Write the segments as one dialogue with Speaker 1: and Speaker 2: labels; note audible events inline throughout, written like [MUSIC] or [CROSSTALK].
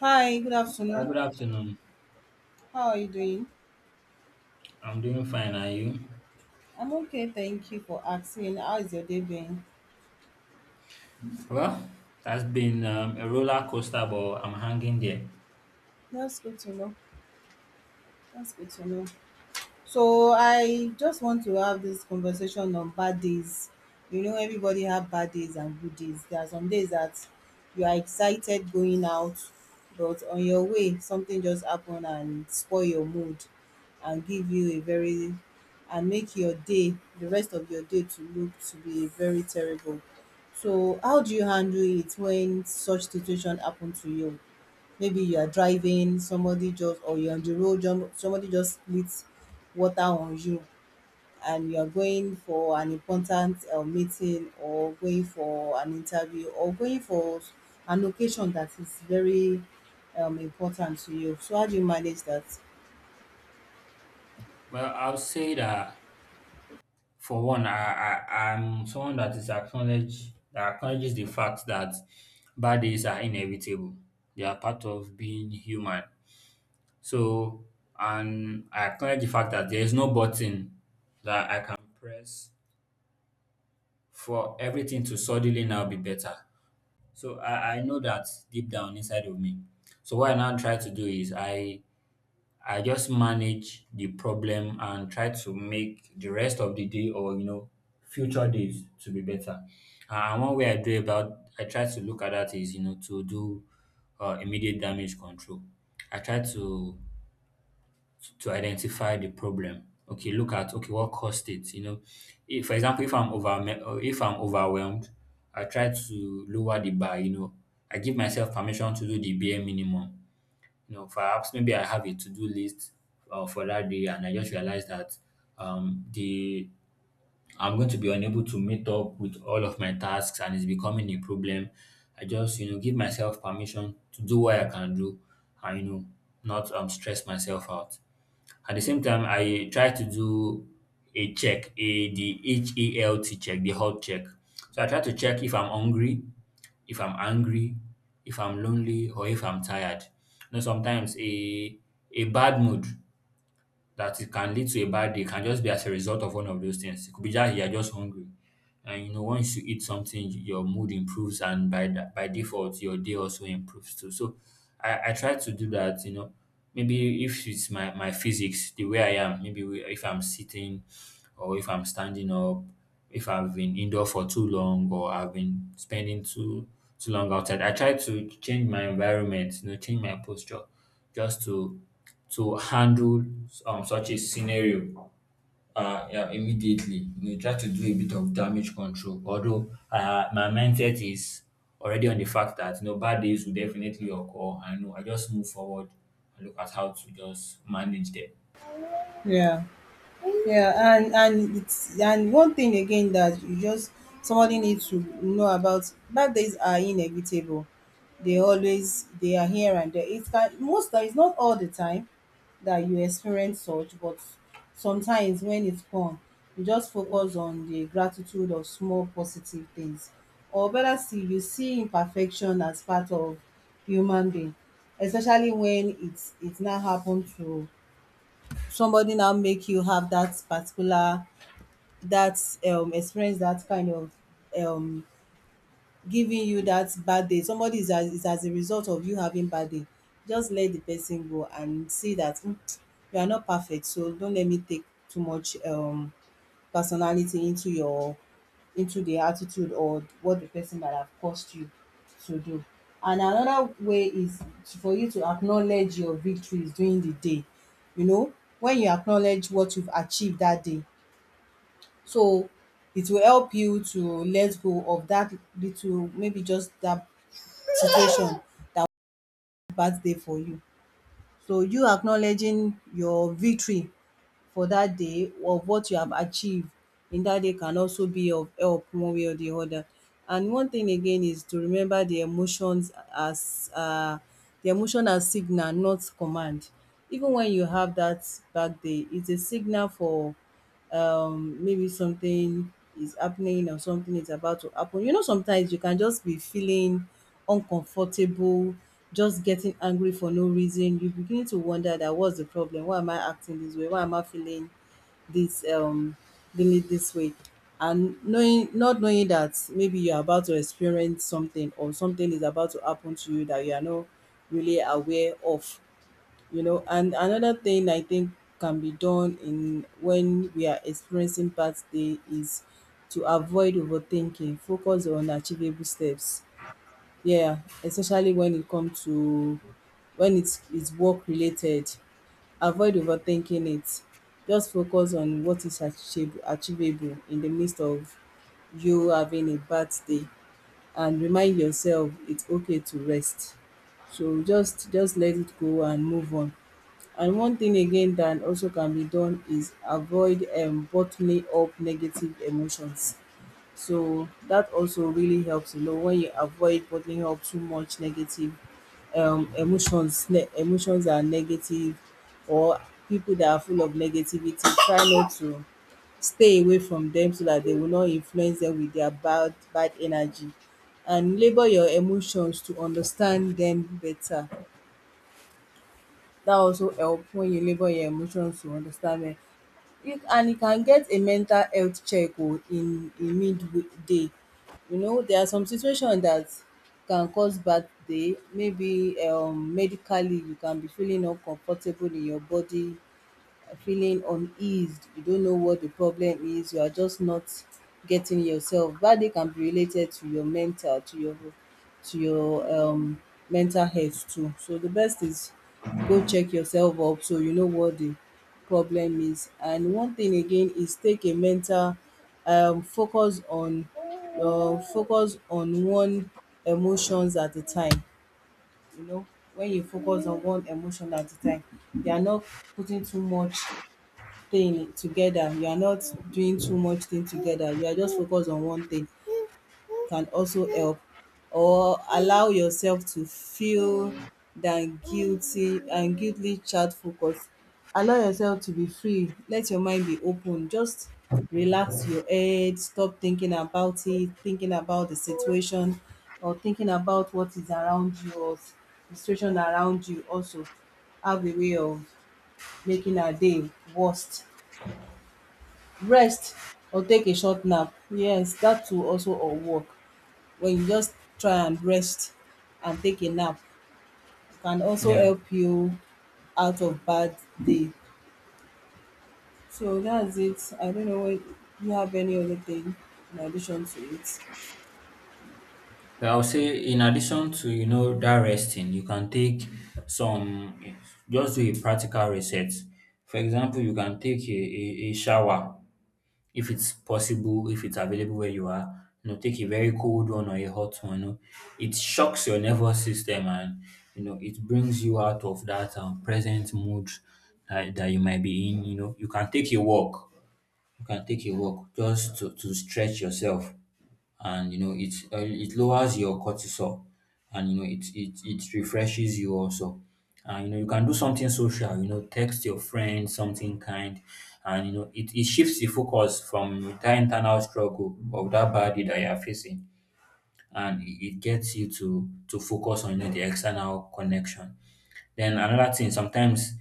Speaker 1: Hi, good
Speaker 2: Uh,
Speaker 1: afternoon.
Speaker 2: good afternoon.
Speaker 1: How are you doing?
Speaker 2: I'm doing fine. Are you?
Speaker 1: I'm okay, thank you for asking. How is your day been?
Speaker 2: Well, that's been a roller coaster, but I'm hanging there.
Speaker 1: That's good to know. That's good to know. So I just want to have this conversation on bad days. You know, everybody have bad days and good days. There are some days that you are excited going out, but on your way, something just happen and spoil your mood and give you a very and make your day, the rest of your day to look to be very terrible. So how do you handle it when such situation happen to you? Maybe you are driving somebody just or you're on the road somebody just splits water on you, and you're going for an important meeting or going for an interview or going for an occasion that is very important to you. So how do you manage that?
Speaker 2: Well, I'll say that for one, I'm someone that is acknowledges the fact that bad days are inevitable. They are part of being human. So, and I acknowledge the fact that there is no button that I can press for everything to suddenly now be better. So I know that deep down inside of me. So what I now try to do is I just manage the problem and try to make the rest of the day, or you know, future days to be better. And one way I do about I try to look at that is, you know, to do immediate damage control. I try to identify the problem. Okay, look at, okay, what caused it? You know, if for example, if I'm over or if I'm overwhelmed, I try to lower the bar. You know, I give myself permission to do the bare minimum. You know, perhaps maybe I have a to do list for that day, and I just realize that the I'm going to be unable to meet up with all of my tasks, and it's becoming a problem. I just, you know, give myself permission to do what I can do, and you know, not stress myself out. At the same time, I try to do a check, a the H-E-L-T check, the health check. So I try to check if I'm hungry, if I'm angry, if I'm lonely, or if I'm tired. You know, sometimes a bad mood that it can lead to a bad day can just be as a result of one of those things. It could be that you're just hungry. And you know, once you eat something, your mood improves, and by that, by default, your day also improves too. So, I try to do that. You know, maybe if it's my physics, the way I am, maybe if I'm sitting, or if I'm standing up, if I've been indoor for too long, or I've been spending too long outside, I try to change my environment. You know, change my posture, just to handle such a scenario yeah, immediately. You know, try to do a bit of damage control. Although my mindset is already on the fact that, you know, bad days will definitely occur. I know I just move forward and look at how to just manage them.
Speaker 1: Yeah. Yeah, and it's and one thing again that you just, somebody needs to know about, bad days are inevitable. They always, they are here and there. It's that most times, not all the time that you experience such, but sometimes when it's come, you just focus on the gratitude of small positive things. Or better still, you see imperfection as part of human being, especially when it's not happened to somebody, now make you have that particular, that experience, that kind of, um giving you that bad day. Somebody is, as is as a result of you having bad day, just let the person go and see that, "Mm, you are not perfect, so don't let me take too much personality into your, into the attitude or what the person that have caused you to do." And another way is for you to acknowledge your victories during the day. You know, when you acknowledge what you've achieved that day, so it will help you to let go of that little, maybe just that situation that was bad day for you. So you acknowledging your victory for that day of what you have achieved in that day can also be of help one way or the other. And one thing again is to remember the emotions as, the emotion as signal not command. Even when you have that bad day, it's a signal for, maybe something is happening or something is about to happen. You know, sometimes you can just be feeling uncomfortable, just getting angry for no reason. You begin to wonder that, what's the problem? Why am I acting this way? Why am I feeling this um this way? And knowing, not knowing that maybe you're about to experience something or something is about to happen to you that you are not really aware of. You know, and another thing I think can be done in, when we are experiencing birthday, is to avoid overthinking, focus on achievable steps. Yeah, especially when it comes to, when it's work related, avoid overthinking it, just focus on what is achieve achievable in the midst of you having a bad day, and remind yourself it's okay to rest. So just let it go and move on. And one thing again that also can be done is avoid bottling up negative emotions. So that also really helps a lot when you avoid bottling up too much negative emotions. Emotions are negative, or people that are full of negativity, try not to, stay away from them so that they will not influence them with their bad energy, and label your emotions to understand them better. That also help when you label your emotions to understand dem. You, and you can get a mental health check o in midday. You know, there are some situations that can cause bad day, maybe medically you can be feeling uncomfortable in your body, feeling uneased, you don't know what the problem is, you are just not getting yourself. Bad day can be related to your mental, to your, to your um mental health too. So the best is, go check yourself up so you know what the problem is. And one thing again is take a mental, focus on, one emotions at a time. You know, when you focus on one emotion at a time, you are not putting too much thing together, you are not doing too much thing together, you are just focused on one thing, can also help. Or allow yourself to feel than guilty and guiltly chat focus, allow yourself to be free, let your mind be open, just relax your head, stop thinking about it, thinking about the situation, or thinking about what is around you, or the situation around you also have a way of making our day worst. Rest or take a short nap. Yes, that too also, or work. When you just try and rest and take a nap can also
Speaker 2: Yeah.
Speaker 1: help you out of bad day. So that's it. I don't know if you have any other thing in addition to it.
Speaker 2: Well, I'll say in addition to, you know, that resting, you can take some just do a practical reset. For example, you can take a shower if it's possible, if it's available where you are. You know, take a very cold one or a hot one. You know, it shocks your nervous system, and you know, it brings you out of that present mood that you might be in. You know, you can take a walk. You can take a walk just to stretch yourself, and you know, it it lowers your cortisol, and you know, it it refreshes you also. And you know, you can do something social, you know, text your friend something kind. And you know, it shifts the focus from that internal struggle of that body that you are facing, and it gets you to focus on, you know, the external connection. Then another thing, sometimes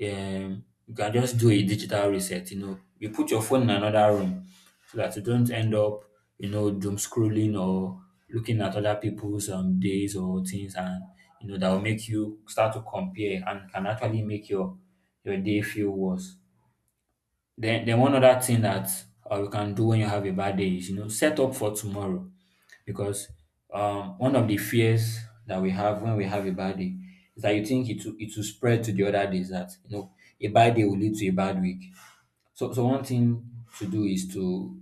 Speaker 2: you can just do a digital reset. You know, you put your phone in another room so that you don't end up, you know, doom scrolling or looking at other people's days or things, and you know, that will make you start to compare and can actually make your day feel worse. Then one other thing that you can do when you have a bad day is, you know, set up for tomorrow because one of the fears that we have when we have a bad day is that you think it will spread to the other days. That, you know, a bad day will lead to a bad week. So, so one thing to do is to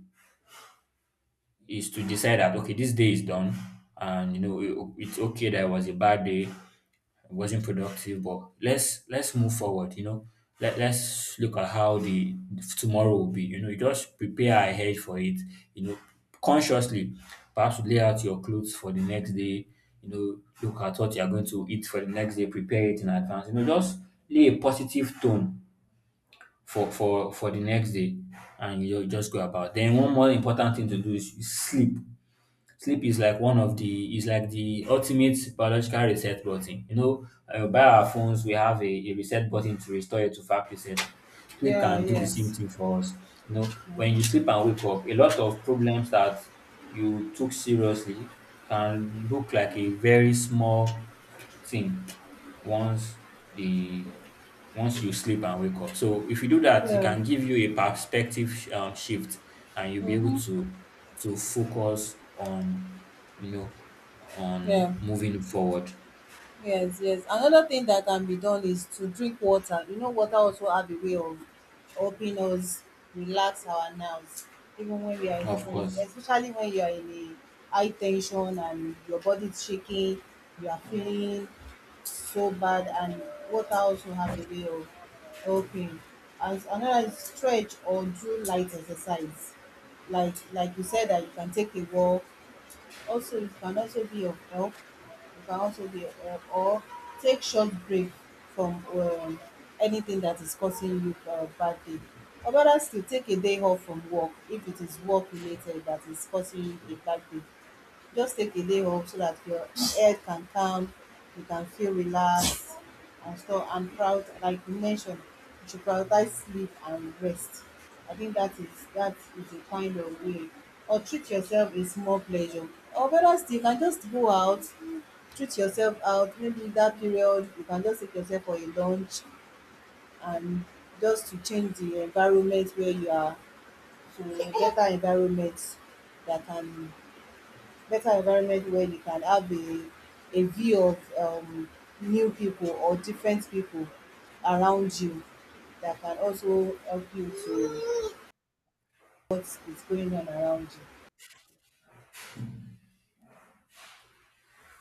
Speaker 2: decide that okay, this day is done, and you know, it's okay that it was a bad day, wasn't productive. But let's move forward. You know, let's look at how the tomorrow will be. You know, you just prepare ahead for it. You know, consciously, perhaps lay out your clothes for the next day. You know, look at what you are going to eat for the next day. Prepare it in advance. You know, just lay a positive tone for for the next day, and you just go about. Then one more important thing to do is you sleep. Sleep is like one of the is like the ultimate biological reset button. You know, by our phones, we have a reset button to restore it to factory setting. Sleep
Speaker 1: Yeah,
Speaker 2: can do the same
Speaker 1: yes.
Speaker 2: thing for us. You know, when you sleep and wake up, a lot of problems that you took seriously can look like a very small thing once the once you sleep and wake up. So if you do that, it
Speaker 1: Yeah.
Speaker 2: can give you a perspective shift, and you'll be able
Speaker 1: Mm-hmm.
Speaker 2: to focus on, you know,
Speaker 1: Yeah.
Speaker 2: on moving forward.
Speaker 1: Yes, yes. Another thing that can be done is to drink water. You know, water also have a way of helping us relax our nerves, even when we are
Speaker 2: Of
Speaker 1: experiencing,
Speaker 2: course.
Speaker 1: especially when you are in a high tension and your body is shaking, you are feeling so bad, and water also have a way of helping. And another is stretch or do light exercise. Like you said that you can take a walk also, it can also be of help. Or take short break from, anything that is causing you bad day. Or better still, take a day off from work if it is work related that is causing you a bad day. Just take a day off so that your head can calm, you can feel relaxed and stuff, and proud like you mentioned, you should prioritize sleep and rest. I think that is, a kind of way. Or treat yourself a small pleasure. Or better still you can just go out, treat yourself out, maybe in that period you can just take yourself for a lunch, and just to change the environment where you are to a better environment, that can, better environment where you can have a view of, new people or different people around you, that can also help you to what is going on around you.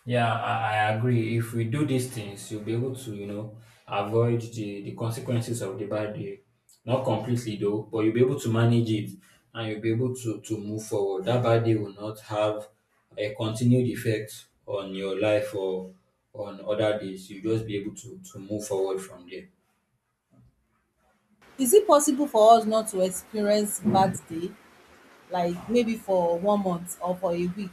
Speaker 2: Yeah, I agree. If we do these things, you'll be able to, you know, avoid the consequences of the bad day. Not completely though, but you'll be able to manage it, and you'll be able to move forward. That bad day will not have a continued effect on your life or on other days. You'll just be able to move forward from there.
Speaker 1: Is it possible for us not to experience bad day, like maybe for 1 month or for a week?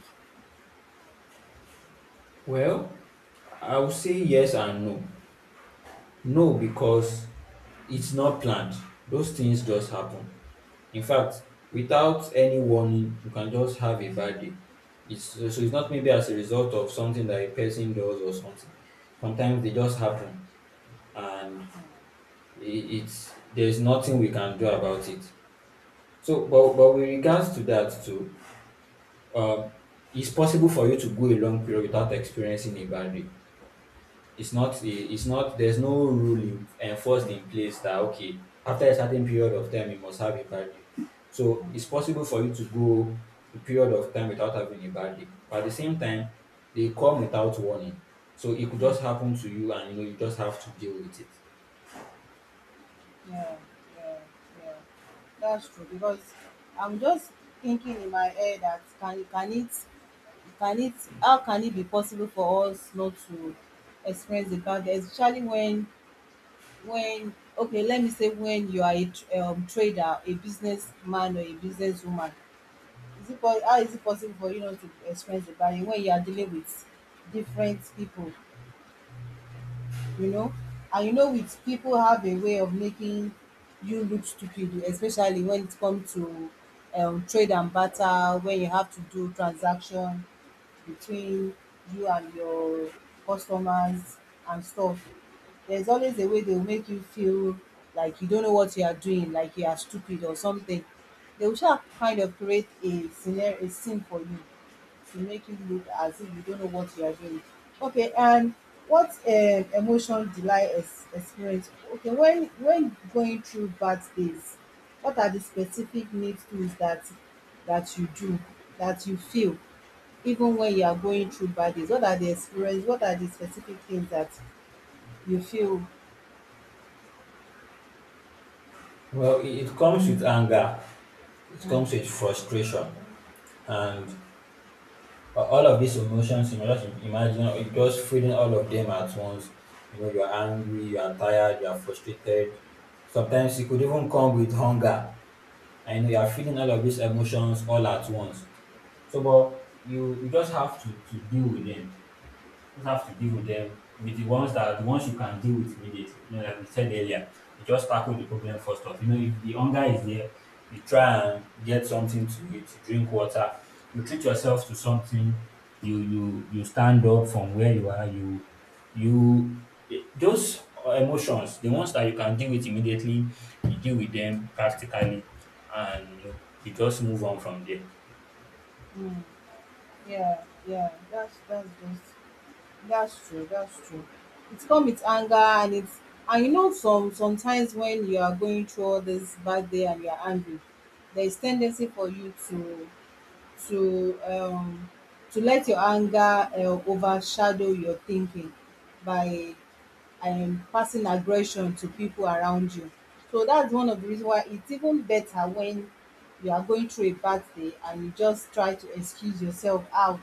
Speaker 2: Well, I would say yes and no. No, because it's not planned. Those things just happen. In fact, without any warning, you can just have a bad day. It's not maybe as a result of something that a person does or something. Sometimes they just happen, and it, it's there's nothing we can do about it. So, but with regards to that too, um, it's possible for you to go a long period without experiencing a bad day. It's not there's no rule in, enforced in place that okay, after a certain period of time you must have a bad day. So
Speaker 1: Mm.
Speaker 2: it's possible for you to go a period of time without having a bad day, but at the same time they come without warning. So it could
Speaker 1: Mm,
Speaker 2: just happen to you, and you know, you just have to deal with it.
Speaker 1: yeah, yeah, yeah. That's true, because I'm just thinking in my head that, can it how can it be possible for us not to experience the bad, especially when, okay let me say, when you are a trader, a businessman or a businesswoman. Is it how is it possible for you not to experience the bad when you are dealing with different people? You know, and you know, with people, have a way of making you look stupid, especially when it comes to, trade and barter, when you have to do transaction between you and your customers and stuff, there's always a way they will make you feel like you don't know what you are doing, like you are stupid or something. They will sha, kind of create a scenario, a scene for you to make you look as if you don't know what you are doing. Okay, and what emotion did I experience? Okay, when, going through bad days, what are the specific needs tools that, you do, that you feel, even when you are going through bad days, what are the experience, what are the specific things that you feel?
Speaker 2: Well it comes with anger, it
Speaker 1: Mm.
Speaker 2: comes with frustration, and all of these emotions, you know, just imagine it just feeling all of them at once. You know, you're angry, you are tired, you are frustrated. Sometimes it could even come with hunger. And you know, you are feeling all of these emotions all at once. So, but you just have to deal with them, just have to deal with them, with the ones that the ones you can deal with immediately. You know, like we said earlier, you just tackle the problem first off. You know, if the hunger is there, you try and get something to eat, you drink water, you treat yourself to something, you stand up from where you are, you those emotions, the ones that you can deal with immediately, you deal with them practically, and you know, you just move on from there.
Speaker 1: Mm, yeah, yeah, that's true, it's come with anger, and it's, and you know, sometimes when you are going through all this bad day and you are angry, there is tendency for you to, to um let your anger, uh, overshadow your thinking by, passing aggression to people around you. So that's one of the reasons why it's even better, when you are going through a bad day and you just try to excuse yourself out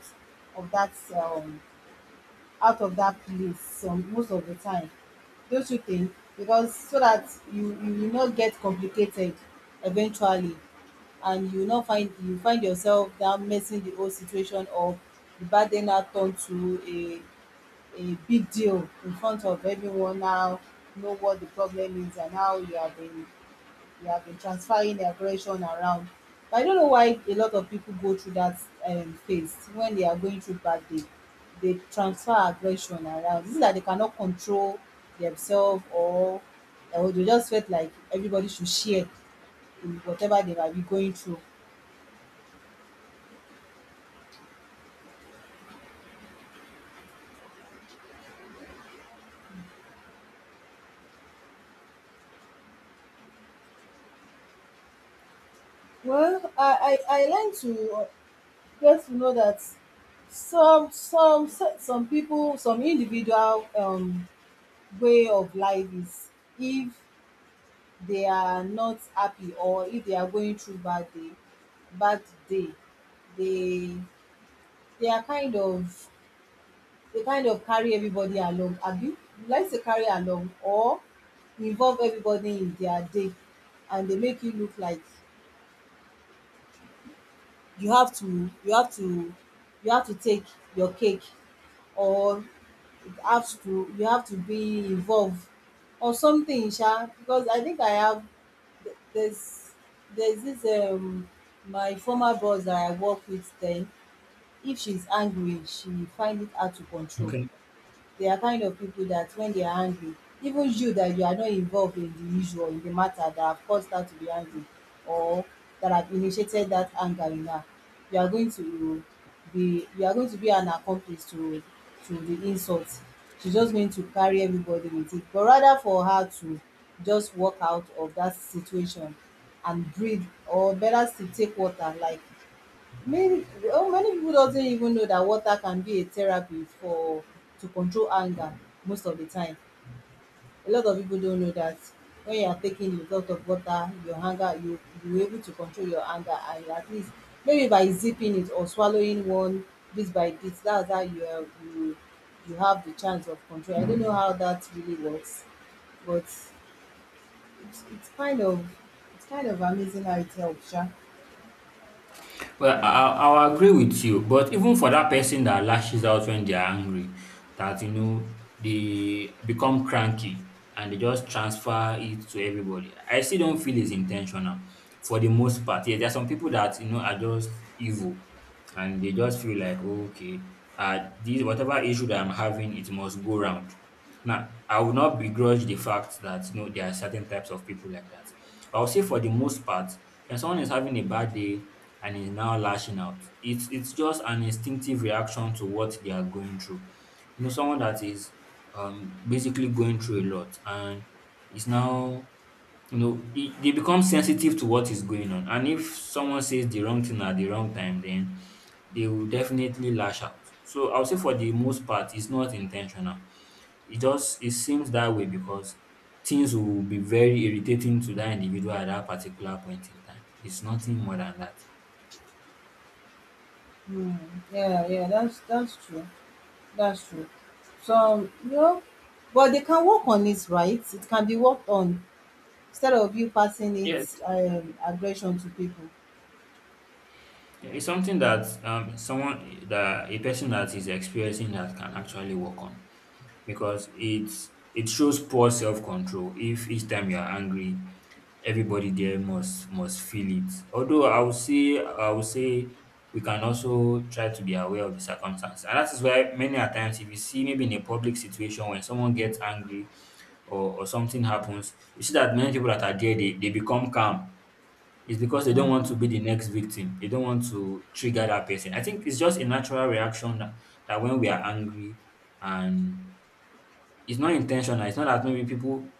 Speaker 1: of that, place some most of the time. Don't you think? Because so that you will not get complicated eventually, and you will not find, you find yourself now messing the whole situation up, the bad day now turn to a, big deal in front of everyone now, know what the problem is and how you have been, you have been transferring the aggression around. But I don't know why a lot of people go through that phase when they are going through bad day. They transfer aggression around. This is that they cannot control themselves or they just felt like everybody should share in whatever they might be going through. Well, I learned to get to know that some people, some individual way of life is, if they are not happy or if they are going through bad day bad day, they they are kind of, they kind of carry everybody along, abi, let's say carry along or involve everybody in their day, and they make you look like you have to you have to you have to take your cake, or have to you have to be involved or something, sha. Because I think I have there's there's this my former boss that I work with then, if she's angry she find it hard to control.
Speaker 2: Okay.
Speaker 1: They are kind of people that when they are angry, even you that you are not involved in the issue or in the matter that have caused her to be angry, or that have initiated that anger in her, you are going to be, you are going to be an accomplice to the insult. She's just going to carry everybody with it. But rather for her to just walk out of that situation and breathe, or better still take water, like many, oh, many people doesn't even know that water can be a therapy for, to control anger most of the time. A lot of people don't know that when you are taking a lot of water, your anger, you able to control your anger, and you at least maybe by zipping it or swallowing one bit by bit, that's how you are, you have the chance of control. I don't know how that really works, but it's it's kind of amazing how it helps, yeah.
Speaker 2: Well, I'll agree with you, but even for that person that lashes out when they are angry, that you know, they become cranky and they just transfer it to everybody. I still don't feel it's intentional for the most part. Yeah, there are some people that you know are just evil and they just feel like okay, uh this whatever issue that I'm having, it must go round. Now, I will not begrudge the fact that you know, there are certain types of people like that. But I'll say for the most part, when someone is having a bad day and is now lashing out, it's just an instinctive reaction to what they are going through. You know, someone that is basically going through a lot and is now, you know, they become sensitive to what is going on. And if someone says the wrong thing at the wrong time, then they will definitely lash out. So I'll say for the most part, it's not intentional. It just it seems that way because things will be very irritating to that individual at that particular point in time. It's nothing more than that.
Speaker 1: Mm, yeah, yeah, that's true. That's true. Some, you know, but they can work on it, right? It can be worked on instead of you passing it,
Speaker 2: Yes,
Speaker 1: aggression to people.
Speaker 2: yeah, it's something that someone that a person that is experiencing that can actually work on because it shows poor self control. If each time you are angry, everybody there must feel it. Although I would say we can also try to be aware of the circumstances. And that is why many a times if you see maybe in a public situation when someone gets angry or something happens, you see that many people that are there they become calm. It's because they don't want
Speaker 1: Mm,
Speaker 2: to be the next victim. They don't want to trigger that person. I think it's just a natural reaction that, that when we are angry and it's not intentional. It's not that maybe people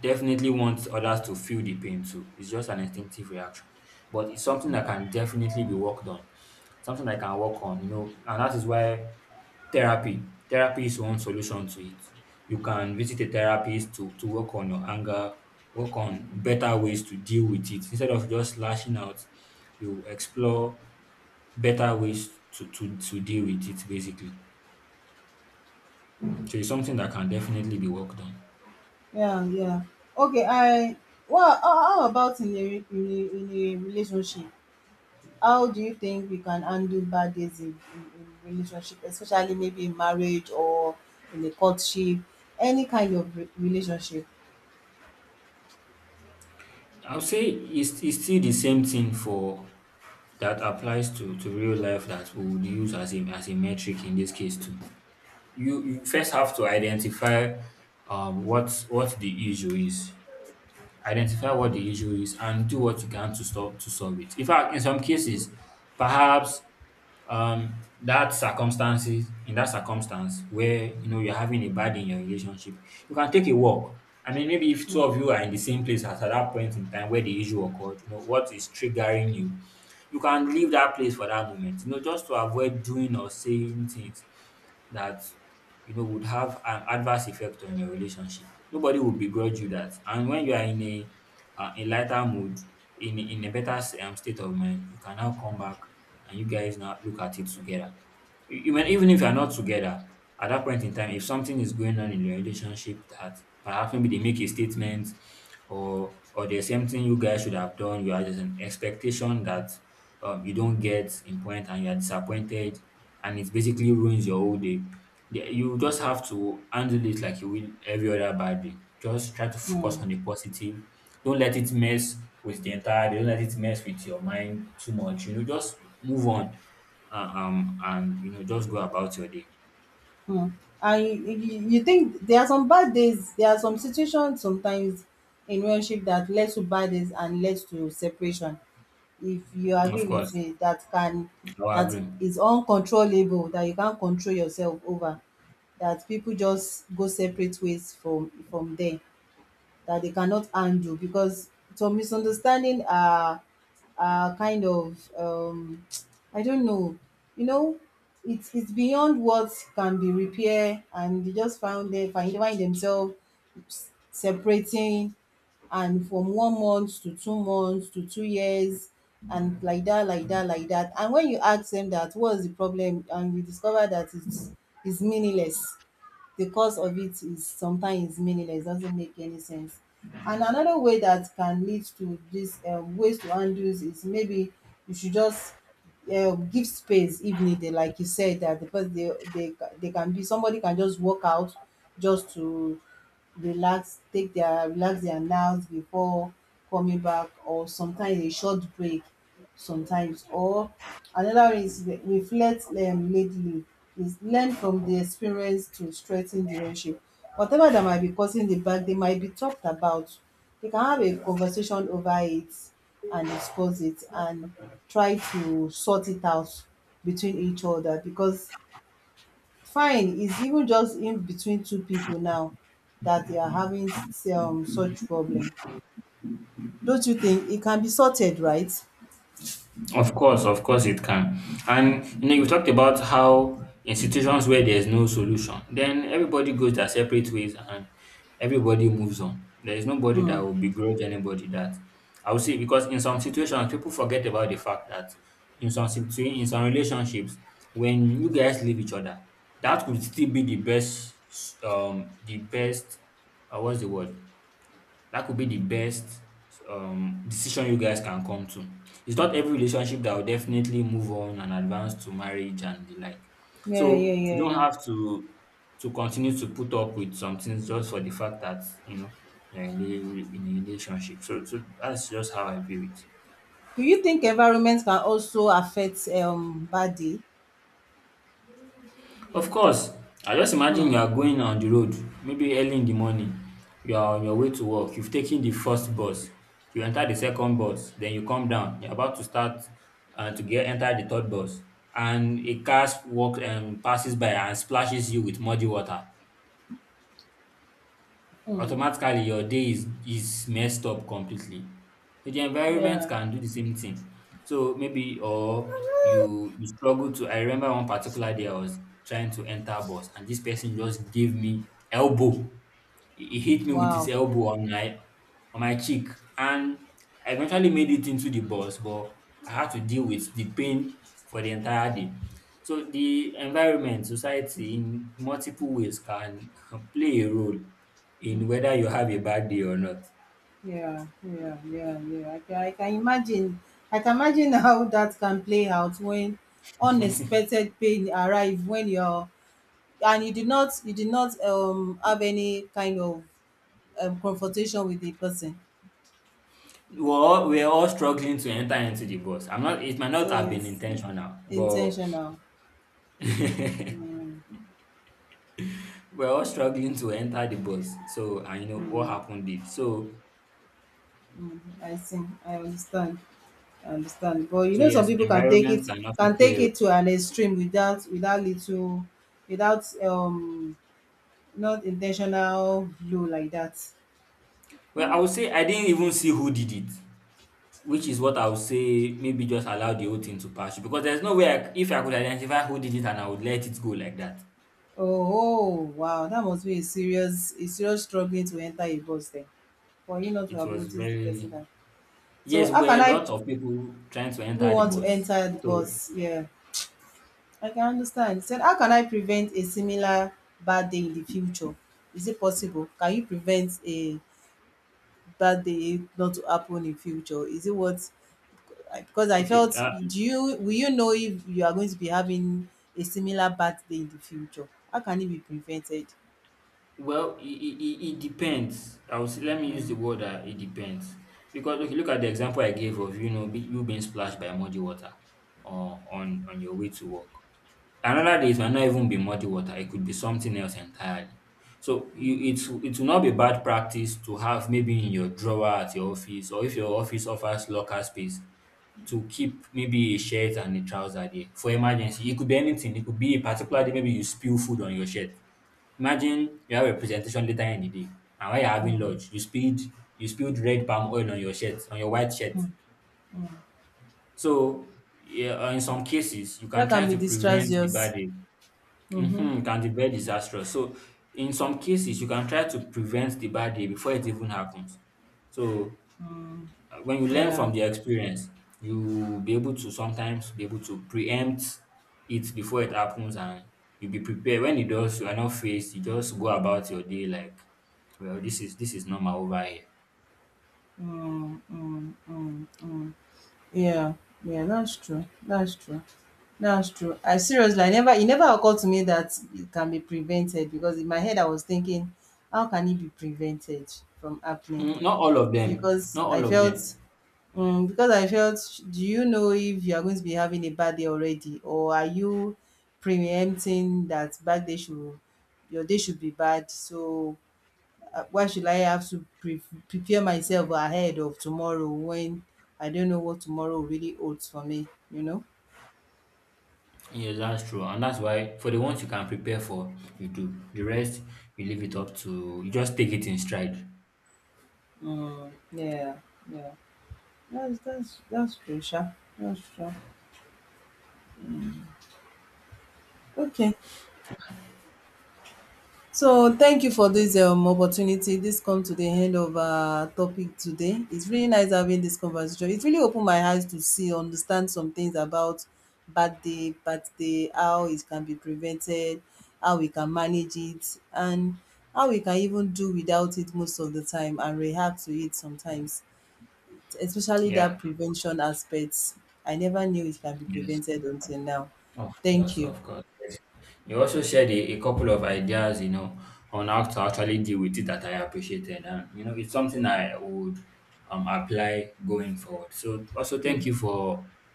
Speaker 2: definitely want others to feel the pain too. It's just an instinctive reaction, but it's something that
Speaker 1: mm.
Speaker 2: can definitely be worked on, something I can work on, you know, and that is why therapy is one solution to it. You can visit a therapist to work on your anger, work on better ways to deal with it. Instead of just lashing out, you explore better ways to deal with it, basically. So it's something that can definitely be worked on.
Speaker 1: Yeah, yeah. Okay, I, well, how about in a, in a relationship? How do you think we can handle bad days in, in relationship, especially maybe in marriage or in a courtship, any kind of relationship?
Speaker 2: I'll say it's still the same thing for that applies to real life that we would use as a metric in this case too. You first have to identify what the issue is, identify what the
Speaker 1: Mm-hmm.
Speaker 2: issue is and do what you can to stop to solve it. In fact, in some cases, perhaps that circumstances, in that circumstance where you know you're having a bad day in your relationship, you can take a walk. I mean, maybe if two of you are in the same place at that point in time where the issue occurred, you know what is triggering you, you can leave that place for that moment. You know, just to avoid doing or saying things that you know would have an adverse effect on your relationship. Nobody will begrudge you that. And when you are in a lighter mood, in a better state of mind, you can now come back and you guys now look at it together. You may- even if you are not together at that point in time, if something is going on in your relationship that perhaps maybe they make a statement or there's something you guys should have done, you are, there's an expectation that you don't get in point and you are disappointed and it basically ruins your whole day. The- You just have to handle it like you will every other bad day. Just try to focus
Speaker 1: Mm-hmm.
Speaker 2: on the positive. Don't let it mess with the entire day. Don't let it mess with your mind too much. You know, just move on and, you know, just go about your day.
Speaker 1: Hmm. And you, you think there are some bad days, there are some situations sometimes in relationship that led to bad days and led to separation. If you
Speaker 2: Of
Speaker 1: agree
Speaker 2: course,
Speaker 1: with me, that can,
Speaker 2: I will
Speaker 1: that
Speaker 2: agree.
Speaker 1: is uncontrollable, that you can't control yourself over, that people just go separate ways from there, that they cannot handle, because some misunderstanding are kind of, [TSK] I don't know, you know, it's beyond what can be repaired, and they just found, they find themselves separating, and from 1 month to 2 months to 2 years, and like that, like that, like that. And when you ask them that what's the problem, and you discover that it's meaningless, the cause of it is sometimes is meaningless, doesn't make any sense. And another way that can lead to this, ways to handle this is maybe you should just, give space if needed, like you said, that the first, they they can be, somebody can just walk out just to relax, take their, relax their nerves before coming back, or sometimes a short break sometimes, or another one is reflect, lately, is learn from the experience to strengthen the relationship. Whatever that might be causing the back, they might be talked about, they can have a conversation over it and discuss it and try to sort it out between each other, because fine, is even just in between two people now that they are having such problem, don't you think it can be sorted, right?
Speaker 2: Of course it can. And you know, you talked about how institutions where there's no solution, then everybody goes their separate ways and everybody moves on. There is nobody
Speaker 1: Hmm.
Speaker 2: that will begrudge anybody that. I would say because in some situations people forget about the fact that in some situ- in some relationships, when you guys leave each other, that could still be the best what's the word? That could be the best decision you guys can come to. It's not every relationship that will definitely move on and advance to marriage and the like. So
Speaker 1: Yeah, yeah,
Speaker 2: you don't
Speaker 1: yeah.
Speaker 2: have to continue to put up with some things just for the fact that you know you're in a relationship. So, so that's just how I view it.
Speaker 1: Do you think environment can also affect, body?
Speaker 2: Of course, I just imagine
Speaker 1: Hmm.
Speaker 2: you are going on the road, maybe early in the morning. You are on your way to work. You've taken the first bus. You enter the second bus. Then you come down. You're about to start to get enter the third bus, and a car walks and passes by and splashes you with muddy water.
Speaker 1: Hmm.
Speaker 2: Automatically your day is messed up completely. So the environment
Speaker 1: Yeah.
Speaker 2: can do the same thing. So maybe or you struggle to, I remember one particular day I was trying to enter bus and this person just gave me elbow. He hit me with his
Speaker 1: Wow.
Speaker 2: elbow on my cheek, and I eventually made it into the bus, but I had to deal with the pain for the entire day. So the environment, society, in multiple ways can [LAUGHS] play a role in whether you have a bad day or not.
Speaker 1: Yeah, yeah, yeah, yeah, I can, I can imagine. I can imagine [LAUGHS] how that can play out when
Speaker 2: [LAUGHS]
Speaker 1: unexpected pain arrive when you're, and you did not have any kind of confrontation with the person.
Speaker 2: We're all struggling to enter into the bus. I'm not. It might not
Speaker 1: So
Speaker 2: have been
Speaker 1: it's
Speaker 2: intentional, but
Speaker 1: intentional.
Speaker 2: [LAUGHS]
Speaker 1: Mm,
Speaker 2: we're all struggling to enter the bus. So and you know what
Speaker 1: mm,
Speaker 2: happened did so.
Speaker 1: mm, I see, I understand. I understand. But you
Speaker 2: So
Speaker 1: know some
Speaker 2: yes,
Speaker 1: people can take
Speaker 2: environment
Speaker 1: it,
Speaker 2: can also
Speaker 1: can
Speaker 2: play
Speaker 1: take
Speaker 2: a role.
Speaker 1: it to an extreme without, without little, without not intentional blow like that.
Speaker 2: Well, I would say I didn't even see who did it, which is what I would say, maybe just allow the whole thing to pass you because there's no way I, c- if I could identify who did it and I would let it go like that.
Speaker 1: Oh, oh, wow, that must be a serious, a serious struggling to enter a bus then. For you not to
Speaker 2: It
Speaker 1: have
Speaker 2: was
Speaker 1: noticed the person
Speaker 2: very,
Speaker 1: that,
Speaker 2: yes,
Speaker 1: so how
Speaker 2: were
Speaker 1: can
Speaker 2: a
Speaker 1: I,
Speaker 2: lot of people trying to
Speaker 1: who
Speaker 2: enter the
Speaker 1: want to
Speaker 2: bus.
Speaker 1: enter the
Speaker 2: So
Speaker 1: bus? Yeah. I can understand. He said, how can I prevent a similar bad day in the future? Is it possible? Can you prevent a bad day not to happen in future? Is it what? Because I
Speaker 2: okay,
Speaker 1: felt, do you, will you know if you are going to be having a similar birthday in the future? How can it be prevented?
Speaker 2: well, it depends. I will say, let me use the
Speaker 1: Mm,
Speaker 2: word it depends. Because okay, look at the example I gave of you know be- you being splashed by muddy water or on your way to work. Another day it might not even be muddy water, it could be something else entirely. So you, it's it will not be bad practice to have maybe in your drawer at your office or if your office offers locker space to keep maybe a shirt and a trouser there for emergency. It could be anything, it could be a particular day, maybe you spill food on your shirt. Imagine you have a presentation later in the day, and while you're having
Speaker 1: mm,
Speaker 2: lunch, you spilled red palm oil on your shirt, on your white shirt.
Speaker 1: mm, mm.
Speaker 2: So, yeah, in some cases, you can
Speaker 1: That can
Speaker 2: try
Speaker 1: be
Speaker 2: to prevent the
Speaker 1: disastrous.
Speaker 2: bad day.
Speaker 1: Mm-hmm.
Speaker 2: Mm-hmm, it can be very disastrous. So, in some cases, you can try to prevent the bad day before it even happens. So,
Speaker 1: Mm,
Speaker 2: when you learn
Speaker 1: yeah.
Speaker 2: from their experience, you'll be able to sometimes be able to preempt it before it happens and you'll be prepared. When it does, you are not faced, you just go about your day like, well, this is normal over here.
Speaker 1: Mm, mm, mm, mm. Yeah. Yeah, that's true. That's true. That's true. I seriously, I never, it never occurred to me that it can be prevented, because in my head I was thinking, how can it be prevented from happening?
Speaker 2: Mm, not all of them.
Speaker 1: Because
Speaker 2: Not
Speaker 1: I
Speaker 2: all of
Speaker 1: felt,
Speaker 2: them.
Speaker 1: mm, because I felt, do you know if you are going to be having a bad day already, or are you preempting that bad day should, your day should be bad? So why should I have to prepare myself ahead of tomorrow when I don't know what tomorrow really holds for me? You know?
Speaker 2: Yes, that's true. And that's why for the ones you can prepare for, you do. The rest you leave it up to, you just take it in stride.
Speaker 1: Mm, yeah, yeah. That's true, Sha. That's true. Okay. So thank you for this, opportunity. This comes to the end of our topic today. It's really nice having this conversation. It really opened my eyes to see, understand some things about bad day, how it can be prevented, how we can manage it, and how we can even do without it most of the time and react to it sometimes. Especially that
Speaker 2: Yeah.
Speaker 1: prevention aspect. I never knew it can be
Speaker 2: Yes.
Speaker 1: prevented until now.
Speaker 2: Of
Speaker 1: Thank
Speaker 2: course,
Speaker 1: you.
Speaker 2: of course. Yes. You also shared a couple of ideas, you know, on how to actually deal with it that I appreciated. And, you know, it's something I would apply going forward. So, also, thank you for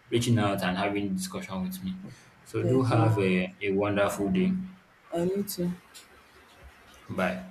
Speaker 2: reaching out and having discussion with me. So, do
Speaker 1: Thank you.
Speaker 2: have a wonderful day.
Speaker 1: And you too.
Speaker 2: Bye.